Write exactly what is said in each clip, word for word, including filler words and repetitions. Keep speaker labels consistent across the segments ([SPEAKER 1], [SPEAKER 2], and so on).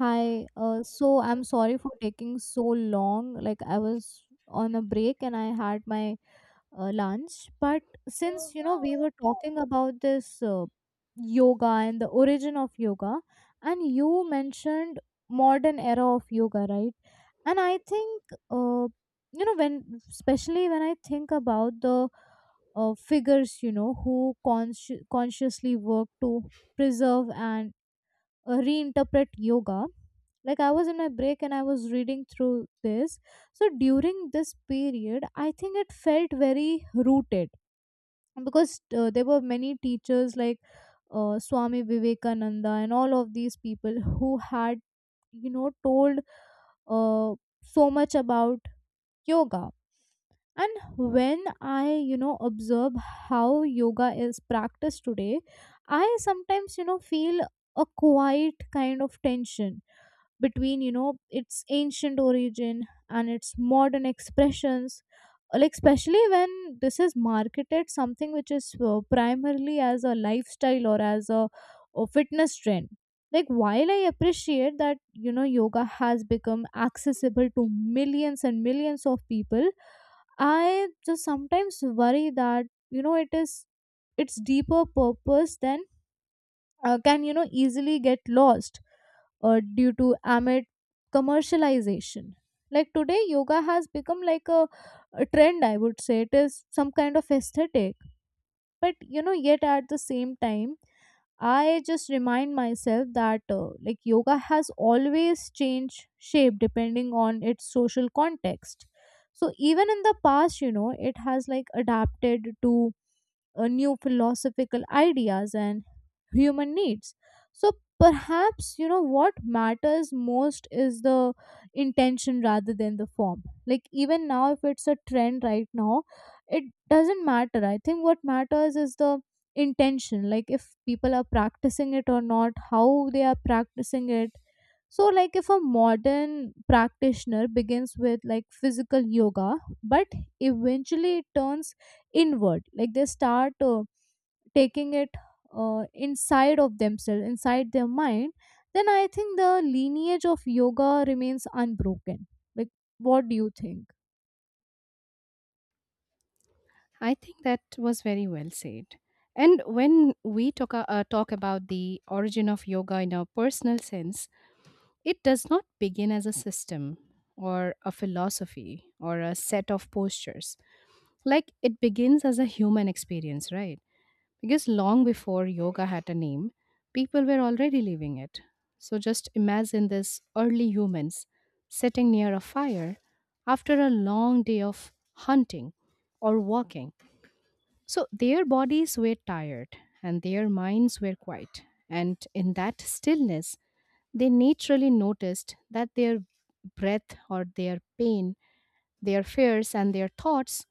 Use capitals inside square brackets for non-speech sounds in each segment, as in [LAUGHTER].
[SPEAKER 1] Hi, uh, so I'm sorry for taking so long. Like I was on a break and I had my uh, lunch. But since you know we were talking about this uh, yoga and the origin of yoga, and you mentioned modern era of yoga, right? And I think uh, you know when, especially when I think about the uh, figures, you know, who consci- consciously work to preserve and uh, reinterpret yoga. Like I was in my break and I was reading through this. So during this period I think it felt very rooted because uh, there were many teachers like uh, Swami Vivekananda and all of these people who had you know told uh, so much about yoga. And when I you know observe how yoga is practiced today, I sometimes you know feel a quiet kind of tension between you know its ancient origin and its modern expressions. Like especially when this is marketed something which is uh, primarily as a lifestyle or as a, a fitness trend. Like while I appreciate that you know yoga has become accessible to millions and millions of people, I just sometimes worry that you know it is its deeper purpose than uh, can you know easily get lost uh, due to amid commercialization. Like today yoga has become like a, a trend, I would say it is some kind of aesthetic. But you know yet at the same time, I just remind myself that uh, like yoga has always changed shape depending on its social context. So even in the past, you know, it has like adapted to uh, new philosophical ideas and human needs. So perhaps you know what matters most is the intention rather than the form. Like even now if it's a trend right now, it doesn't matter. I think what matters is the intention, like if people are practicing it or not, how they are practicing it. So like if a modern practitioner begins with like physical yoga but eventually it turns inward, like they start uh, taking it uh, inside of themselves, inside their mind, then I think the lineage of yoga remains unbroken. Like what do you think?
[SPEAKER 2] I think that was very well said. And when we talk, a- uh, talk about the origin of yoga in a personal sense, it does not begin as a system or a philosophy or a set of postures. Like it begins as a human experience, right? Because long before yoga had a name, people were already living it. So just imagine this early humans sitting near a fire after a long day of hunting or walking so their bodies were tired and their minds were quiet. And in that stillness, they naturally noticed that their breath or their pain, their fears, and their thoughts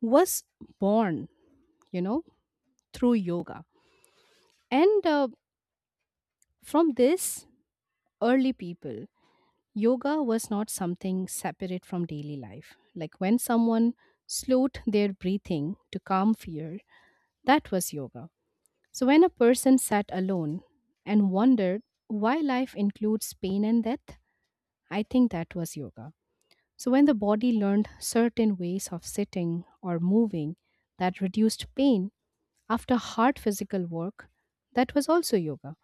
[SPEAKER 2] was born, you know, through yoga. And uh, From this early people, yoga was not something separate from daily life. Like when someone slowed their breathing to calm fear, that was yoga. So, when a person sat alone and wondered why life includes pain and death, I think that was yoga. So, when the body learned certain ways of sitting or moving that reduced pain after hard physical work, that was also yoga.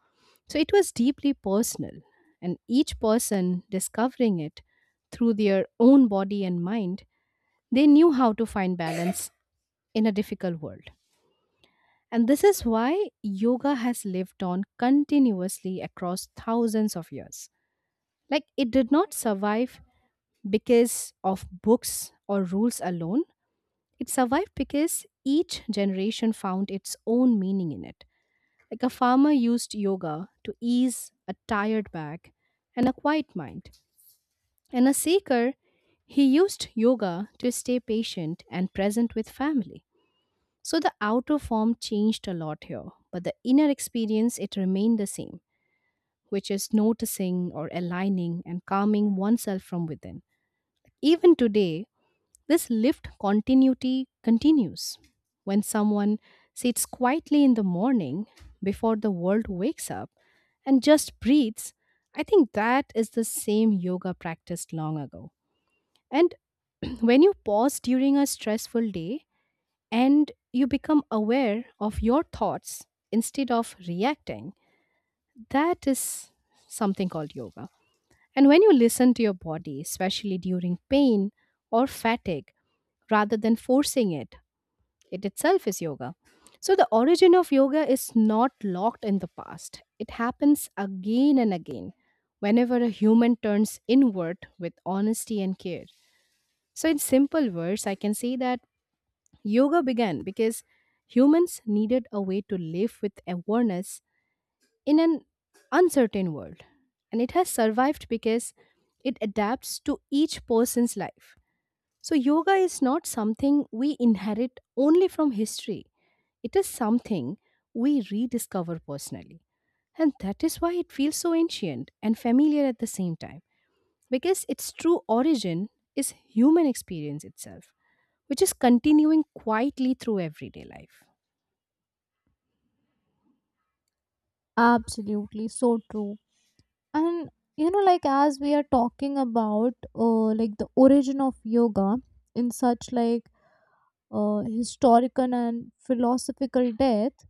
[SPEAKER 2] So, it was deeply personal, and each person discovering it through their own body and mind, they knew how to find balance in a difficult world. And this is why yoga has lived on continuously across thousands of years. Like it did not survive because of books or rules alone, it survived because each generation found its own meaning in it. Like a farmer used yoga to ease a tired back and a quiet mind. And a seeker, he used yoga to stay patient and present with family. So the outer form changed a lot here, but the inner experience it remained the same, which is noticing or aligning and calming oneself from within. Even today, this lift continuity continues. When someone sits quietly in the morning before the world wakes up and just breathes, I think that is the same yoga practiced long ago. And [CLEARS THROAT] when you pause during a stressful day, and you become aware of your thoughts instead of reacting. That is something called yoga. And when you listen to your body, especially during pain or fatigue, rather than forcing it, it itself is yoga. So, the origin of yoga is not locked in the past. It happens again and again whenever a human turns inward with honesty and care. So, in simple words, I can say that yoga began because humans needed a way to live with awareness in an uncertain world. And it has survived because it adapts to each person's life. So, yoga is not something we inherit only from history, it is something we rediscover personally. And that is why it feels so ancient and familiar at the same time, because its true origin is human experience itself which is continuing quietly through everyday life.
[SPEAKER 1] Absolutely, so true. And you know like as we are talking about uh, like the origin of yoga in such like uh, historical and philosophical depth,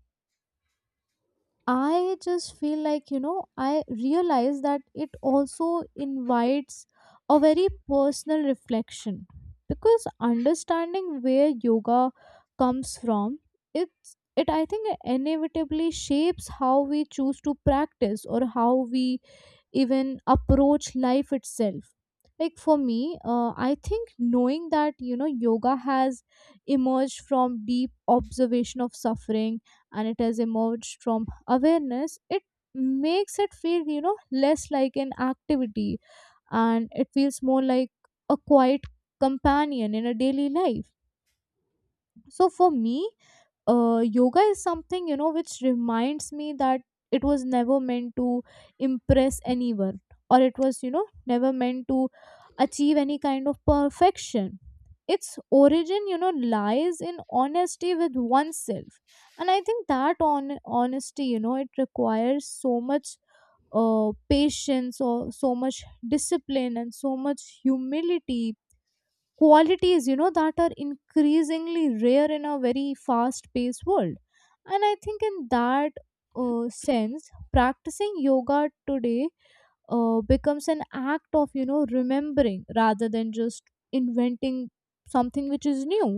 [SPEAKER 1] I just feel like, you know, I realize that it also invites a very personal reflection, because understanding where yoga comes from, it's it I think inevitably shapes how we choose to practice or how we even approach life itself. Like for me uh, I think knowing that you know yoga has emerged from deep observation of suffering and it has emerged from awareness, it makes it feel you know less like an activity, and it feels more like a quiet companion in a daily life. So for me uh, yoga is something you know which reminds me that it was never meant to impress anyone or it was you know never meant to achieve any kind of perfection. Its origin you know lies in honesty with oneself, and I think that on honesty you know it requires so much uh, patience or so much discipline and so much humility, qualities you know that are increasingly rare in a very fast paced world. And I think in that uh, sense, practicing yoga today uh, becomes an act of you know remembering rather than just inventing something which is new.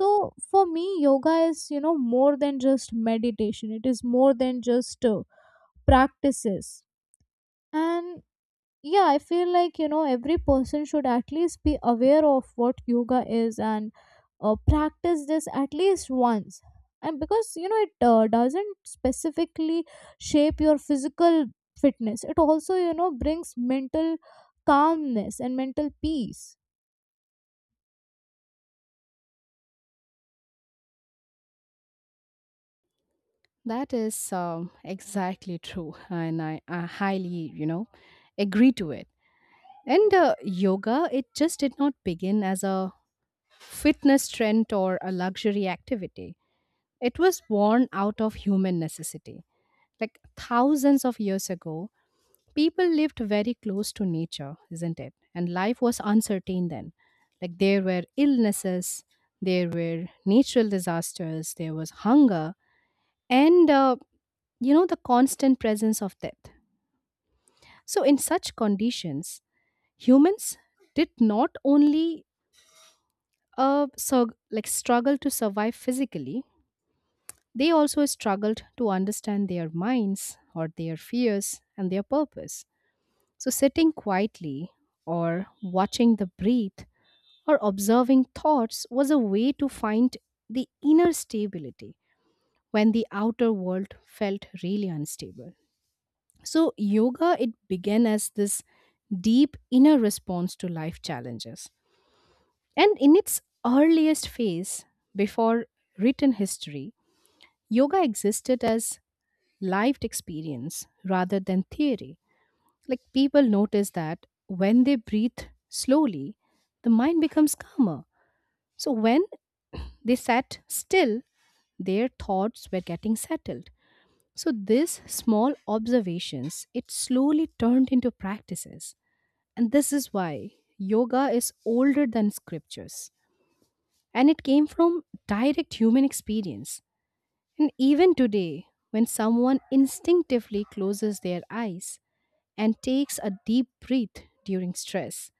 [SPEAKER 1] So for me yoga is you know more than just meditation, it is more than just uh, practices. And yeah, I feel like you know every person should at least be aware of what yoga is and uh, practice this at least once. And because you know it uh, doesn't specifically shape your physical fitness, it also you know brings mental calmness and mental peace.
[SPEAKER 2] That is um, exactly true, and I, I highly, you know, agree to it. And uh, Yoga, it just did not begin as a fitness trend or a luxury activity. It was born out of human necessity. Like thousands of years ago, people lived very close to nature, isn't it? And life was uncertain then. Like there were illnesses, there were natural disasters, there was hunger, and uh, you know, the constant presence of death. So, in such conditions, humans did not only uh, so, like struggle to survive physically, they also struggled to understand their minds or their fears and their purpose. So, sitting quietly or watching the breath, or observing thoughts was a way to find the inner stability when the outer world felt really unstable. So, yoga, it began as this deep inner response to life challenges. And in its earliest phase, before written history, yoga existed as lived experience rather than theory. Like people noticed that when they breathe slowly, the mind becomes calmer. So when they sat still, their thoughts were getting settled. So these small observations, it slowly turned into practices. And this is why yoga is older than scriptures. And it came from direct human experience. And even today, when someone instinctively closes their eyes and takes a deep breath during stress,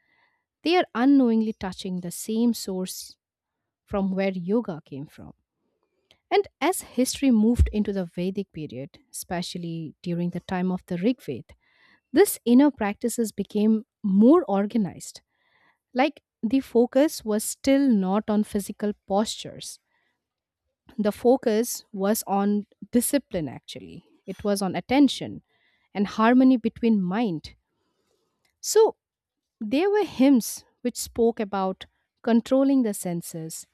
[SPEAKER 2] they are unknowingly touching the same source from where yoga came from. And as history moved into the Vedic period, especially during the time of the Rig Veda, this inner practices became more organized. Like the focus was still not on physical postures. The focus was on discipline actually. It was on attention and harmony between mind. So there were hymns which spoke about controlling the senses,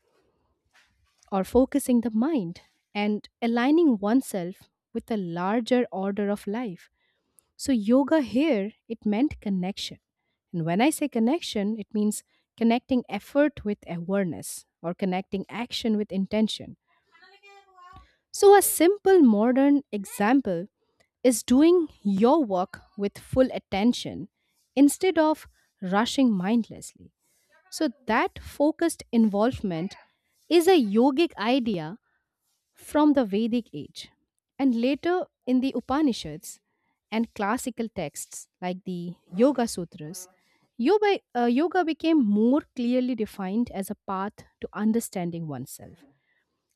[SPEAKER 2] or focusing the mind and aligning oneself with a larger order of life. So, yoga here, it meant connection. And when I say connection, it means connecting effort with awareness or connecting action with intention. So, a simple modern example is doing your work with full attention instead of rushing mindlessly. So, that focused involvement is a yogic idea from the Vedic age and later in the Upanishads and classical texts like the Yoga Sutras, yoga, uh, yoga became more clearly defined as a path to understanding oneself.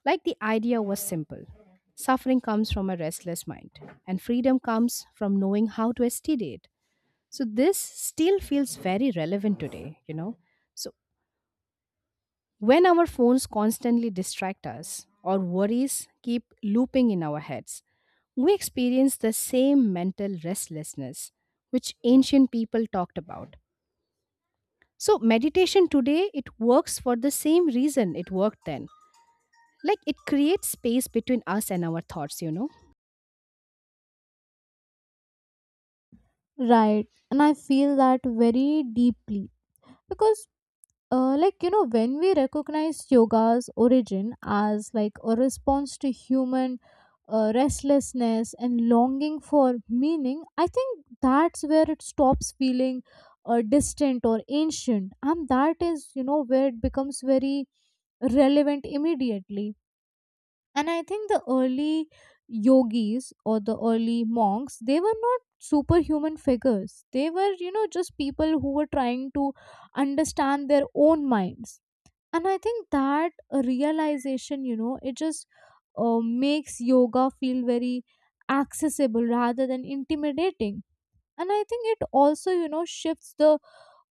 [SPEAKER 2] Like the idea was simple, suffering comes from a restless mind, and freedom comes from knowing how to steady it. So, this still feels very relevant today, you know. So, when our phones constantly distract us or worries keep looping in our heads, we experience the same mental restlessness which ancient people talked about. So, meditation today, it works for the same reason it worked then. Like it creates space between us and our thoughts, you know?
[SPEAKER 1] Right, and I feel that very deeply because uh, like you know when we recognize yoga's origin as like a response to human uh, restlessness and longing for meaning, I think that's where it stops feeling uh, distant or ancient, and that is you know where it becomes very relevant immediately. And I think the early yogis or the early monks, they were not superhuman figures, they were you know just people who were trying to understand their own minds. And I think that uh, realization you know it just uh, makes yoga feel very accessible rather than intimidating. And I think it also you know shifts the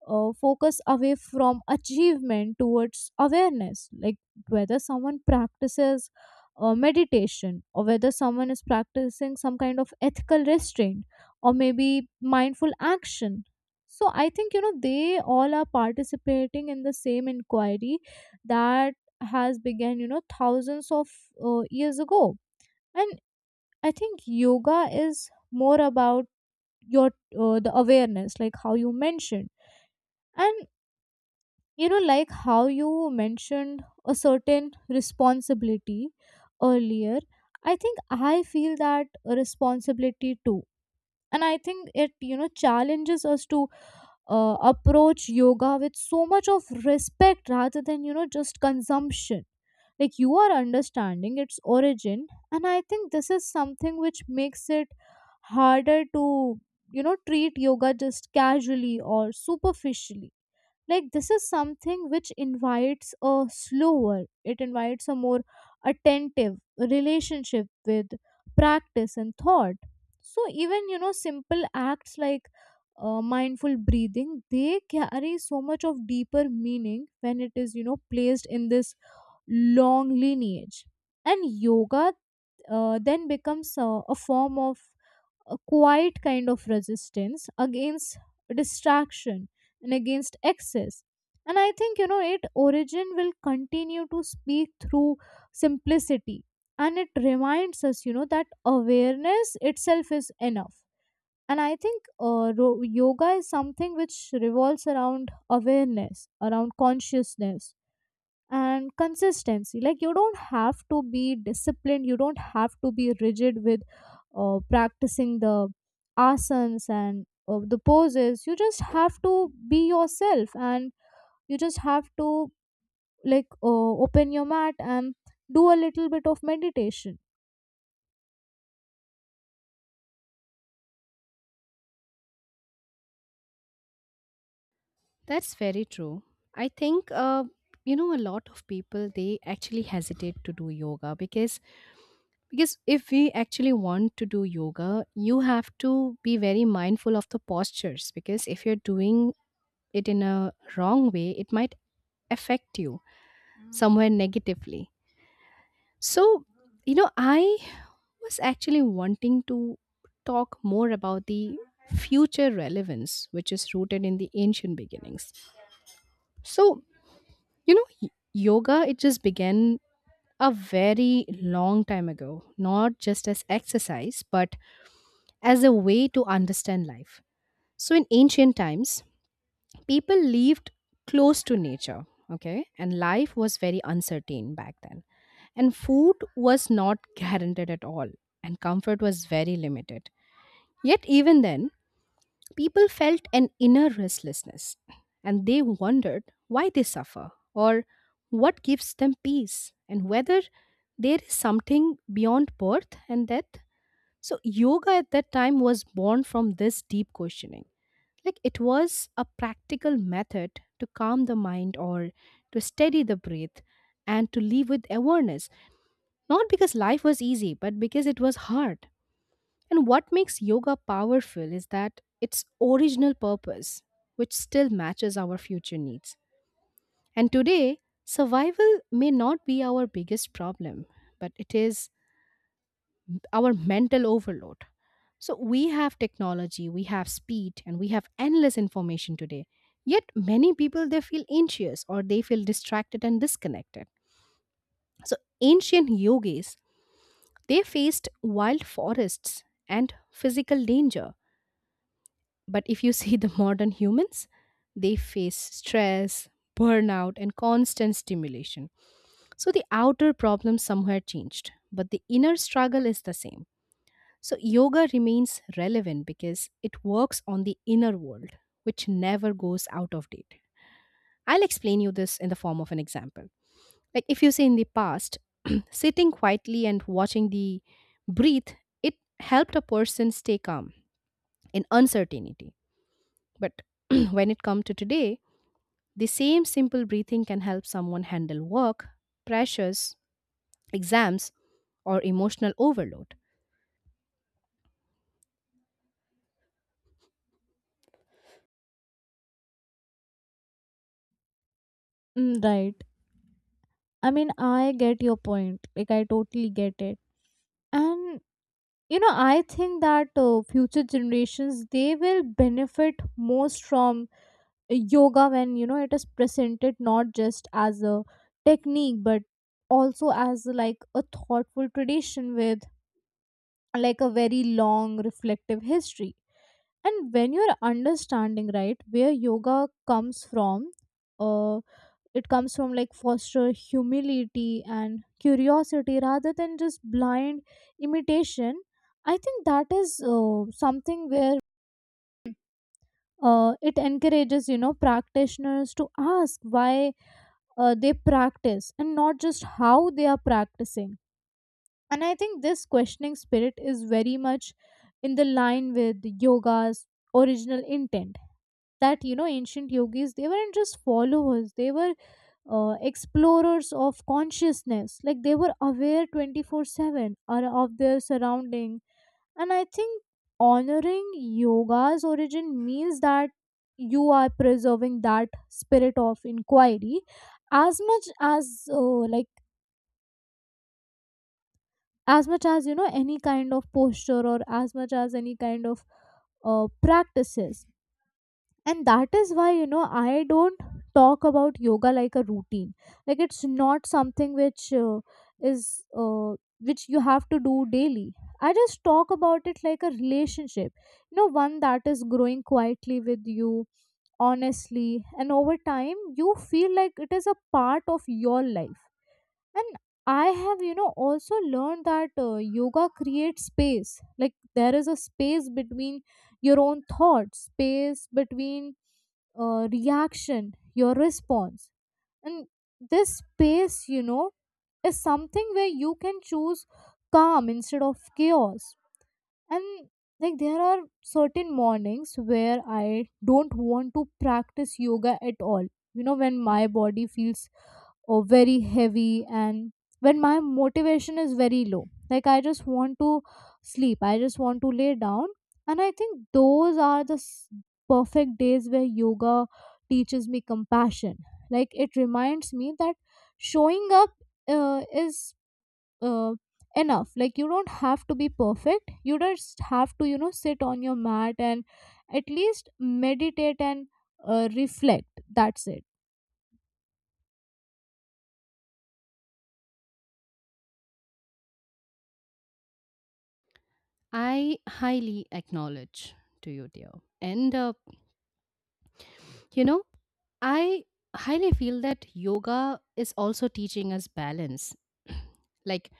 [SPEAKER 1] uh, focus away from achievement towards awareness. Like whether someone practices uh, meditation or whether someone is practicing some kind of ethical restraint or maybe mindful action, so I think you know they all are participating in the same inquiry that has began you know thousands of uh, years ago. And I think yoga is more about your uh, the awareness, like how you mentioned. And you know like how you mentioned a certain responsibility earlier, I think I feel that responsibility too. And I think it you know challenges us to uh, approach yoga with so much of respect rather than you know just consumption. Like you are understanding its origin, and I think this is something which makes it harder to you know treat yoga just casually or superficially. Like this is something which invites a slower, it invites a more attentive relationship with practice and thought. So even you know simple acts like uh, mindful breathing, they carry so much of deeper meaning when it is you know placed in this long lineage. And yoga uh, then becomes a, a form of a quiet kind of resistance against distraction and against excess. And I think you know it origin will continue to speak through simplicity, and it reminds us you know that awareness itself is enough. And I think uh, ro- yoga is something which revolves around awareness, around consciousness and consistency. Like you don't have to be disciplined, you don't have to be rigid with uh, practicing the asanas and uh, the poses. You just have to be yourself, and you just have to like uh, open your mat and do a little bit of meditation.
[SPEAKER 2] That's very true. I think, uh, you know, a lot of people, they actually hesitate to do yoga because because if we actually want to do yoga you have to be very mindful of the postures because if you're doing it in a wrong way it might affect you somewhere negatively. So you know I was actually wanting to talk more about the future relevance which is rooted in the ancient beginnings. So you know y- yoga it just began a very long time ago not just as exercise but as a way to understand life. So, in ancient times, people lived close to nature, okay, and life was very uncertain back then. And food was not [LAUGHS] guaranteed at all, and comfort was very limited. Yet, even then, people felt an inner restlessness and they wondered why they suffer or what gives them peace and whether there is something beyond birth and death. So, yoga at that time was born from this deep questioning. Like it was a practical method to calm the mind or to steady the breath and to live with awareness, not because life was easy, but because it was hard. And what makes yoga powerful is that its original purpose, which still matches our future needs. And today, survival may not be our biggest problem, but it is our mental overload. So we have technology, we have speed, and we have endless information today. Yet many people they feel anxious or they feel distracted and disconnected. So ancient yogis they faced wild forests and physical danger. But if you [LAUGHS] see the modern humans, they face stress, burnout, and constant stimulation. So the outer problem somewhere changed, but the inner struggle is the same. So, yoga remains relevant because it works on the inner world, which never goes out of date. I'll explain you this in the form of an example. Like, if you say in the past, [CLEARS THROAT] sitting quietly and watching the breathe, it helped a person stay calm in uncertainty. But [CLEARS THROAT] when it comes to today, the same simple breathing can help someone handle work, pressures, exams, or emotional overload.
[SPEAKER 1] Mm, right. I mean, I get your point. Like, I totally get it. And you know I think that uh, future generations they will benefit most from yoga when you know it is presented not just as a technique but also as like a thoughtful tradition with like a very long reflective history. And when you're understanding right where yoga comes from, uh, it comes from like foster humility and curiosity rather than just blind imitation. I think that is uh, something where uh, it encourages you know practitioners to ask why uh, they practice and not just how they are practicing. And I think this questioning spirit is very much in the line with yoga's original intent, that you know ancient yogis, they weren't just followers, they were uh, explorers of consciousness. Like they were aware twenty four seven ar- of their surrounding. And I think honoring yoga's origin means that you are preserving that spirit of inquiry as much as uh, like as much as you know any kind of posture or as much as any kind of uh, practices. And that is why you know I don't talk about yoga like a routine. Like it's not something which uh, is uh, which you have to do daily. I just talk about it like a relationship, you know, one that is growing quietly with you, honestly, and over time you feel like it is a part of your life. And I have, you know, also learned that uh, yoga creates space. Like there is a space between your own thoughts, space between uh, reaction, your response. And this space, you know, is something where you can choose calm instead of chaos. And like there are certain mornings where I don't want to practice yoga at all. You know, when my body feels or very heavy and when my motivation is very low, like I just want to sleep, I just want to lay down. And I think those are the s- perfect days where yoga teaches me compassion. Like it reminds me that showing up uh, is uh, enough. Like you don't have to be perfect, you just have to you know sit on your mat and at least meditate and uh, reflect, that's it.
[SPEAKER 2] I highly acknowledge to you, dear. And uh, You know, I highly feel that yoga is also teaching us balance. [CLEARS THROAT] Like,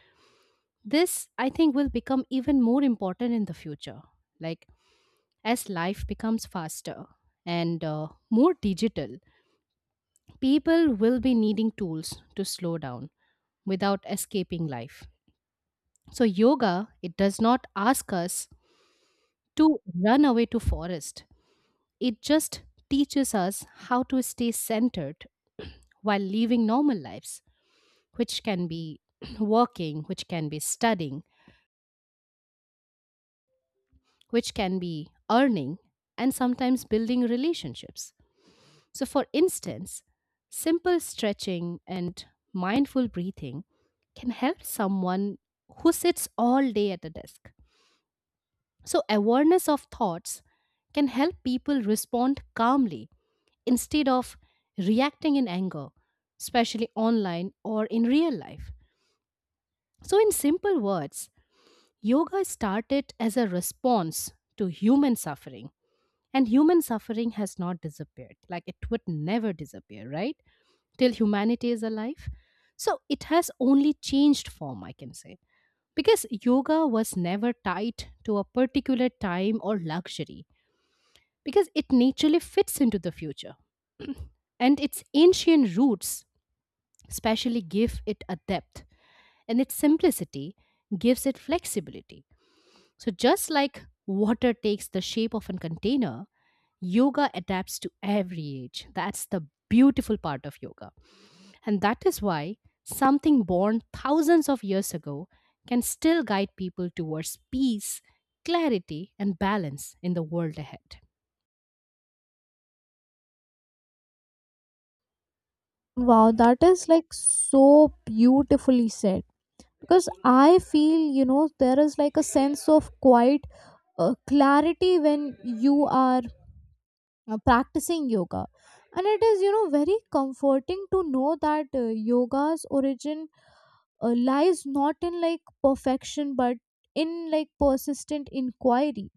[SPEAKER 2] this, I think, will become even more important in the future. Like, as life becomes faster and uh, more digital, people will be needing tools to slow down without escaping life. So, yoga, it does not ask us to run away to forest. It just teaches us how to stay centered while living normal lives, which can be [CLEARS THROAT] working, which can be studying, which can be earning, and sometimes building relationships. So, for instance, simple stretching and mindful breathing can help someone who sits all day at a desk. So, awareness of thoughts can help people respond calmly instead of reacting in anger, especially online or in real life. So, in simple words, yoga started as a response to human suffering, and human suffering has not disappeared. Like it would never disappear, right? Till humanity is alive. So it has only changed form, I can say. Because yoga was never tied to a particular time or luxury, because it naturally fits into the future. [CLEARS THROAT] And its ancient roots especially give it a depth, and its simplicity gives it flexibility. So, just like water takes the shape of a container, yoga adapts to every age. That's the beautiful part of yoga. And that is why something born thousands of years ago can still guide people towards peace, clarity, and balance in the world ahead.
[SPEAKER 1] Wow, that is like so beautifully said. Because I feel, you know, there is like a sense of quiet uh, clarity when you are uh, practicing yoga. And it is, you know, very comforting to know that uh, yoga's origin uh, lies not in like perfection but in like persistent inquiry.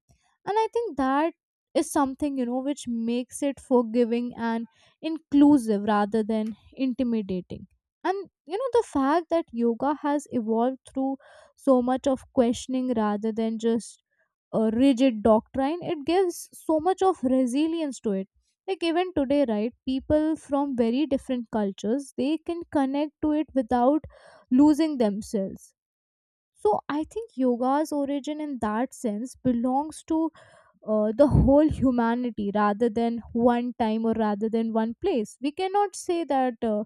[SPEAKER 1] And I think that is something you know which makes it forgiving and inclusive rather than intimidating. And you know the fact that yoga has evolved through so much of questioning rather than just a rigid doctrine, it gives so much of resilience to it. Like even today, right, people from very different cultures they can connect to it without losing themselves. So I think yoga's origin in that sense belongs to uh, the whole humanity rather than one time or rather than one place. We cannot say that uh,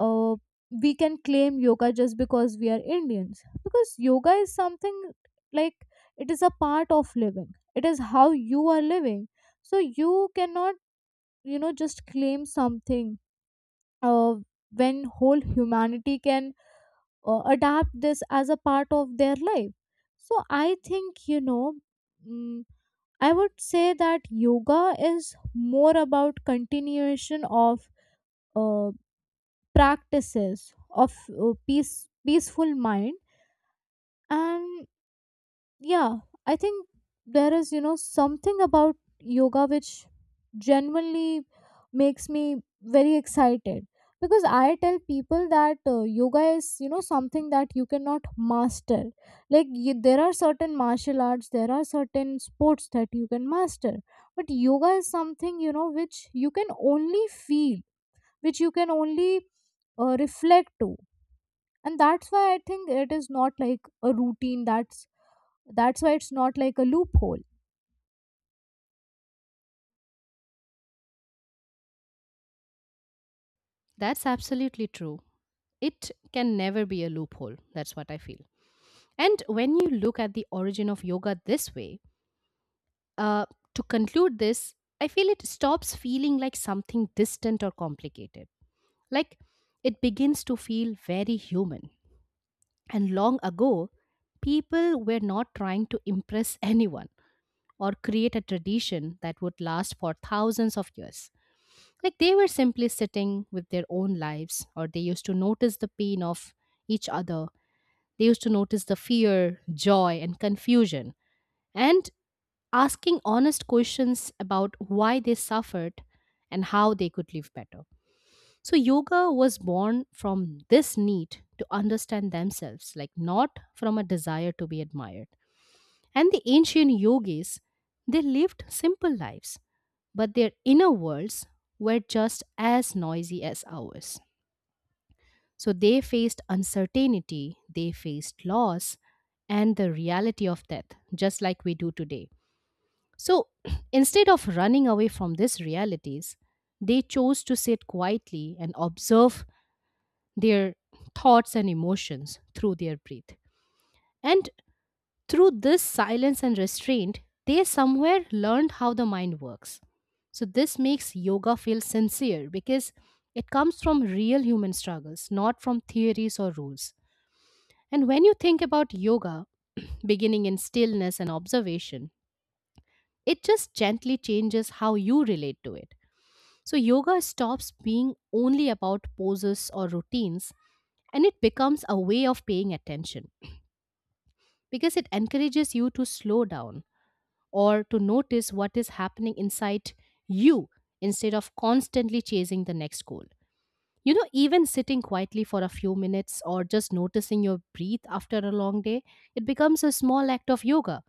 [SPEAKER 1] uh, we can claim yoga just because we are Indians, because yoga is something like it is a part of living, it is how you are living. So you cannot, you know, just claim something uh, when whole humanity can uh, adapt this as a part of their life. So I think, you know, mm, I would say that yoga is more about continuation of uh, practices of uh, peace, peaceful mind. And yeah, I think there is you know something about yoga which genuinely makes me very excited, because I tell people that uh, yoga is you know something that you cannot master. Like y there are certain martial arts, there are certain sports that you can master, but yoga is something you know which you can only feel, which you can only uh, reflect to. And that's why I think it is not like a routine, that's that's why it's not like a loophole.
[SPEAKER 2] That's absolutely true. It can never be a loophole. That's what I feel. And when you look at the origin of yoga this way, Uh, to conclude this, I feel it stops feeling like something distant or complicated. Like, it begins to feel very human. And long ago, people were not trying to impress [LAUGHS] anyone or create a tradition that would last for thousands of years. Like, they were simply sitting with their own lives, or they used to notice the pain of each other. They used to notice the fear, joy, and confusion. And asking honest questions about why they suffered and how they could live better. So, yoga was born from this need to understand themselves, like not from a desire to be admired. And the ancient yogis, they lived simple lives, but their inner worlds were just as noisy as ours. So, they faced uncertainty, they faced loss, and the reality of death, just like we do today. So [CLEARS THROAT] instead of running away from these realities, they chose to sit quietly and observe their thoughts and emotions through their breath. And through this silence and restraint, they somewhere learned how the mind works. So this makes yoga feel sincere because it comes from real human struggles, not from theories or rules. And when you think about yoga, [CLEARS THROAT] beginning in stillness and observation, it just gently changes how you relate to it. So, yoga stops being only about poses or routines, and it becomes a way of paying attention because it encourages you to slow down or to notice what is happening inside you instead of constantly chasing the next goal. You know, even sitting quietly for a few minutes or just noticing your breath after a long day, it becomes a small act of yoga.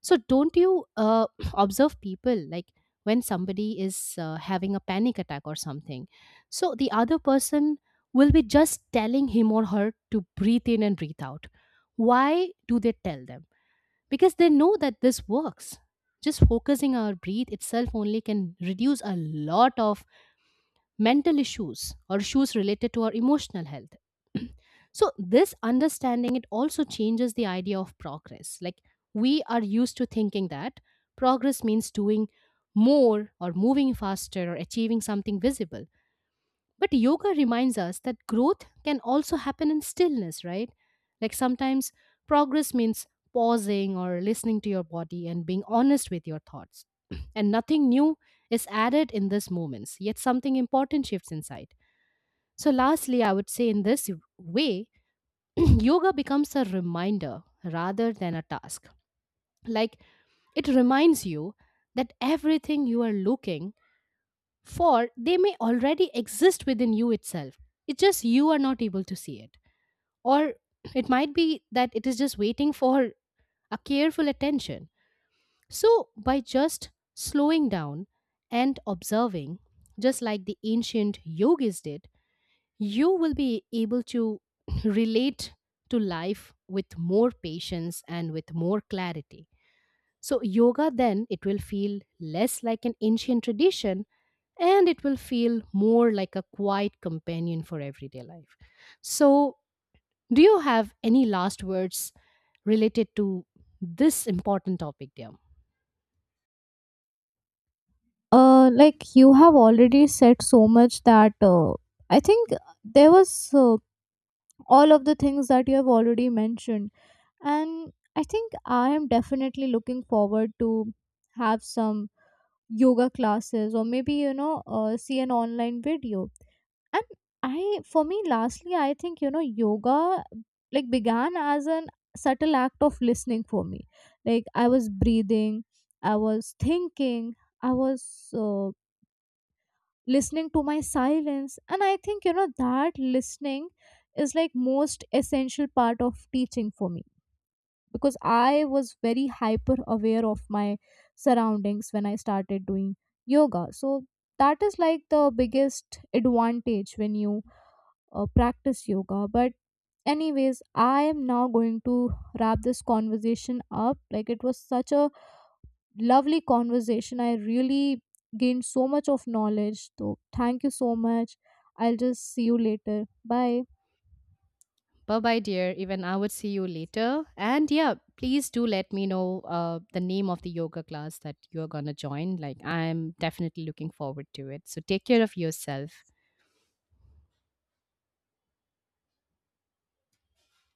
[SPEAKER 2] So don't you uh, [CLEARS THROAT] observe people, like when somebody is uh, having a panic attack or something? So the other person will be just telling him or her to breathe in and breathe out. Why do they tell them? Because they know that this works. Just focusing our breathe itself only can reduce a lot of mental issues or issues related to our emotional health. [CLEARS THROAT] So, this understanding, it also changes the idea of progress. Like, we are used to thinking that progress means doing more or moving faster or achieving something visible. But yoga reminds us that growth can also happen in stillness, right? Like sometimes progress means pausing or listening to your body and being honest with your thoughts. [CLEARS THROAT] And nothing new is added in these moments, yet something important shifts inside. So, lastly, I would say, in this way, [CLEARS THROAT] yoga becomes a reminder rather than a task. Like, it reminds you that everything you are looking for, they may already exist within you itself. It's just you are not able to see it. Or it might be that it is just waiting for a careful attention. So, by just slowing down and observing, just like the ancient yogis did, you will be able to [CLEARS THROAT] relate to life with more patience and with more clarity. So, yoga then, it will feel less like an ancient tradition and it will feel more like a quiet companion for everyday life. So, do you have any last words related to this important topic, dear?
[SPEAKER 1] uh Like you have already said so much that uh, I think there was uh, all of the things that you have already mentioned. And I think I am definitely looking forward to have some yoga classes or maybe you know uh, see an online video. And I, for me lastly, I think you know yoga like began as an subtle act of listening for me. Like I was breathing, I was thinking, I was uh, listening to my silence, and I think you know that listening is like most essential part of teaching for me, because I was very hyper aware of my surroundings when I started doing yoga. So that is like the biggest advantage when you uh, practice yoga. But anyways, I am now going to wrap this conversation up. Like, it was such a lovely conversation. I really gained so much of knowledge. So, thank you so much. I'll just see you later. Bye.
[SPEAKER 2] Bye bye, dear. Even I would see you later. And yeah, please do let me know uh, the name of the yoga class that you're going to join. Like, I'm definitely looking forward to it. So, take care of yourself.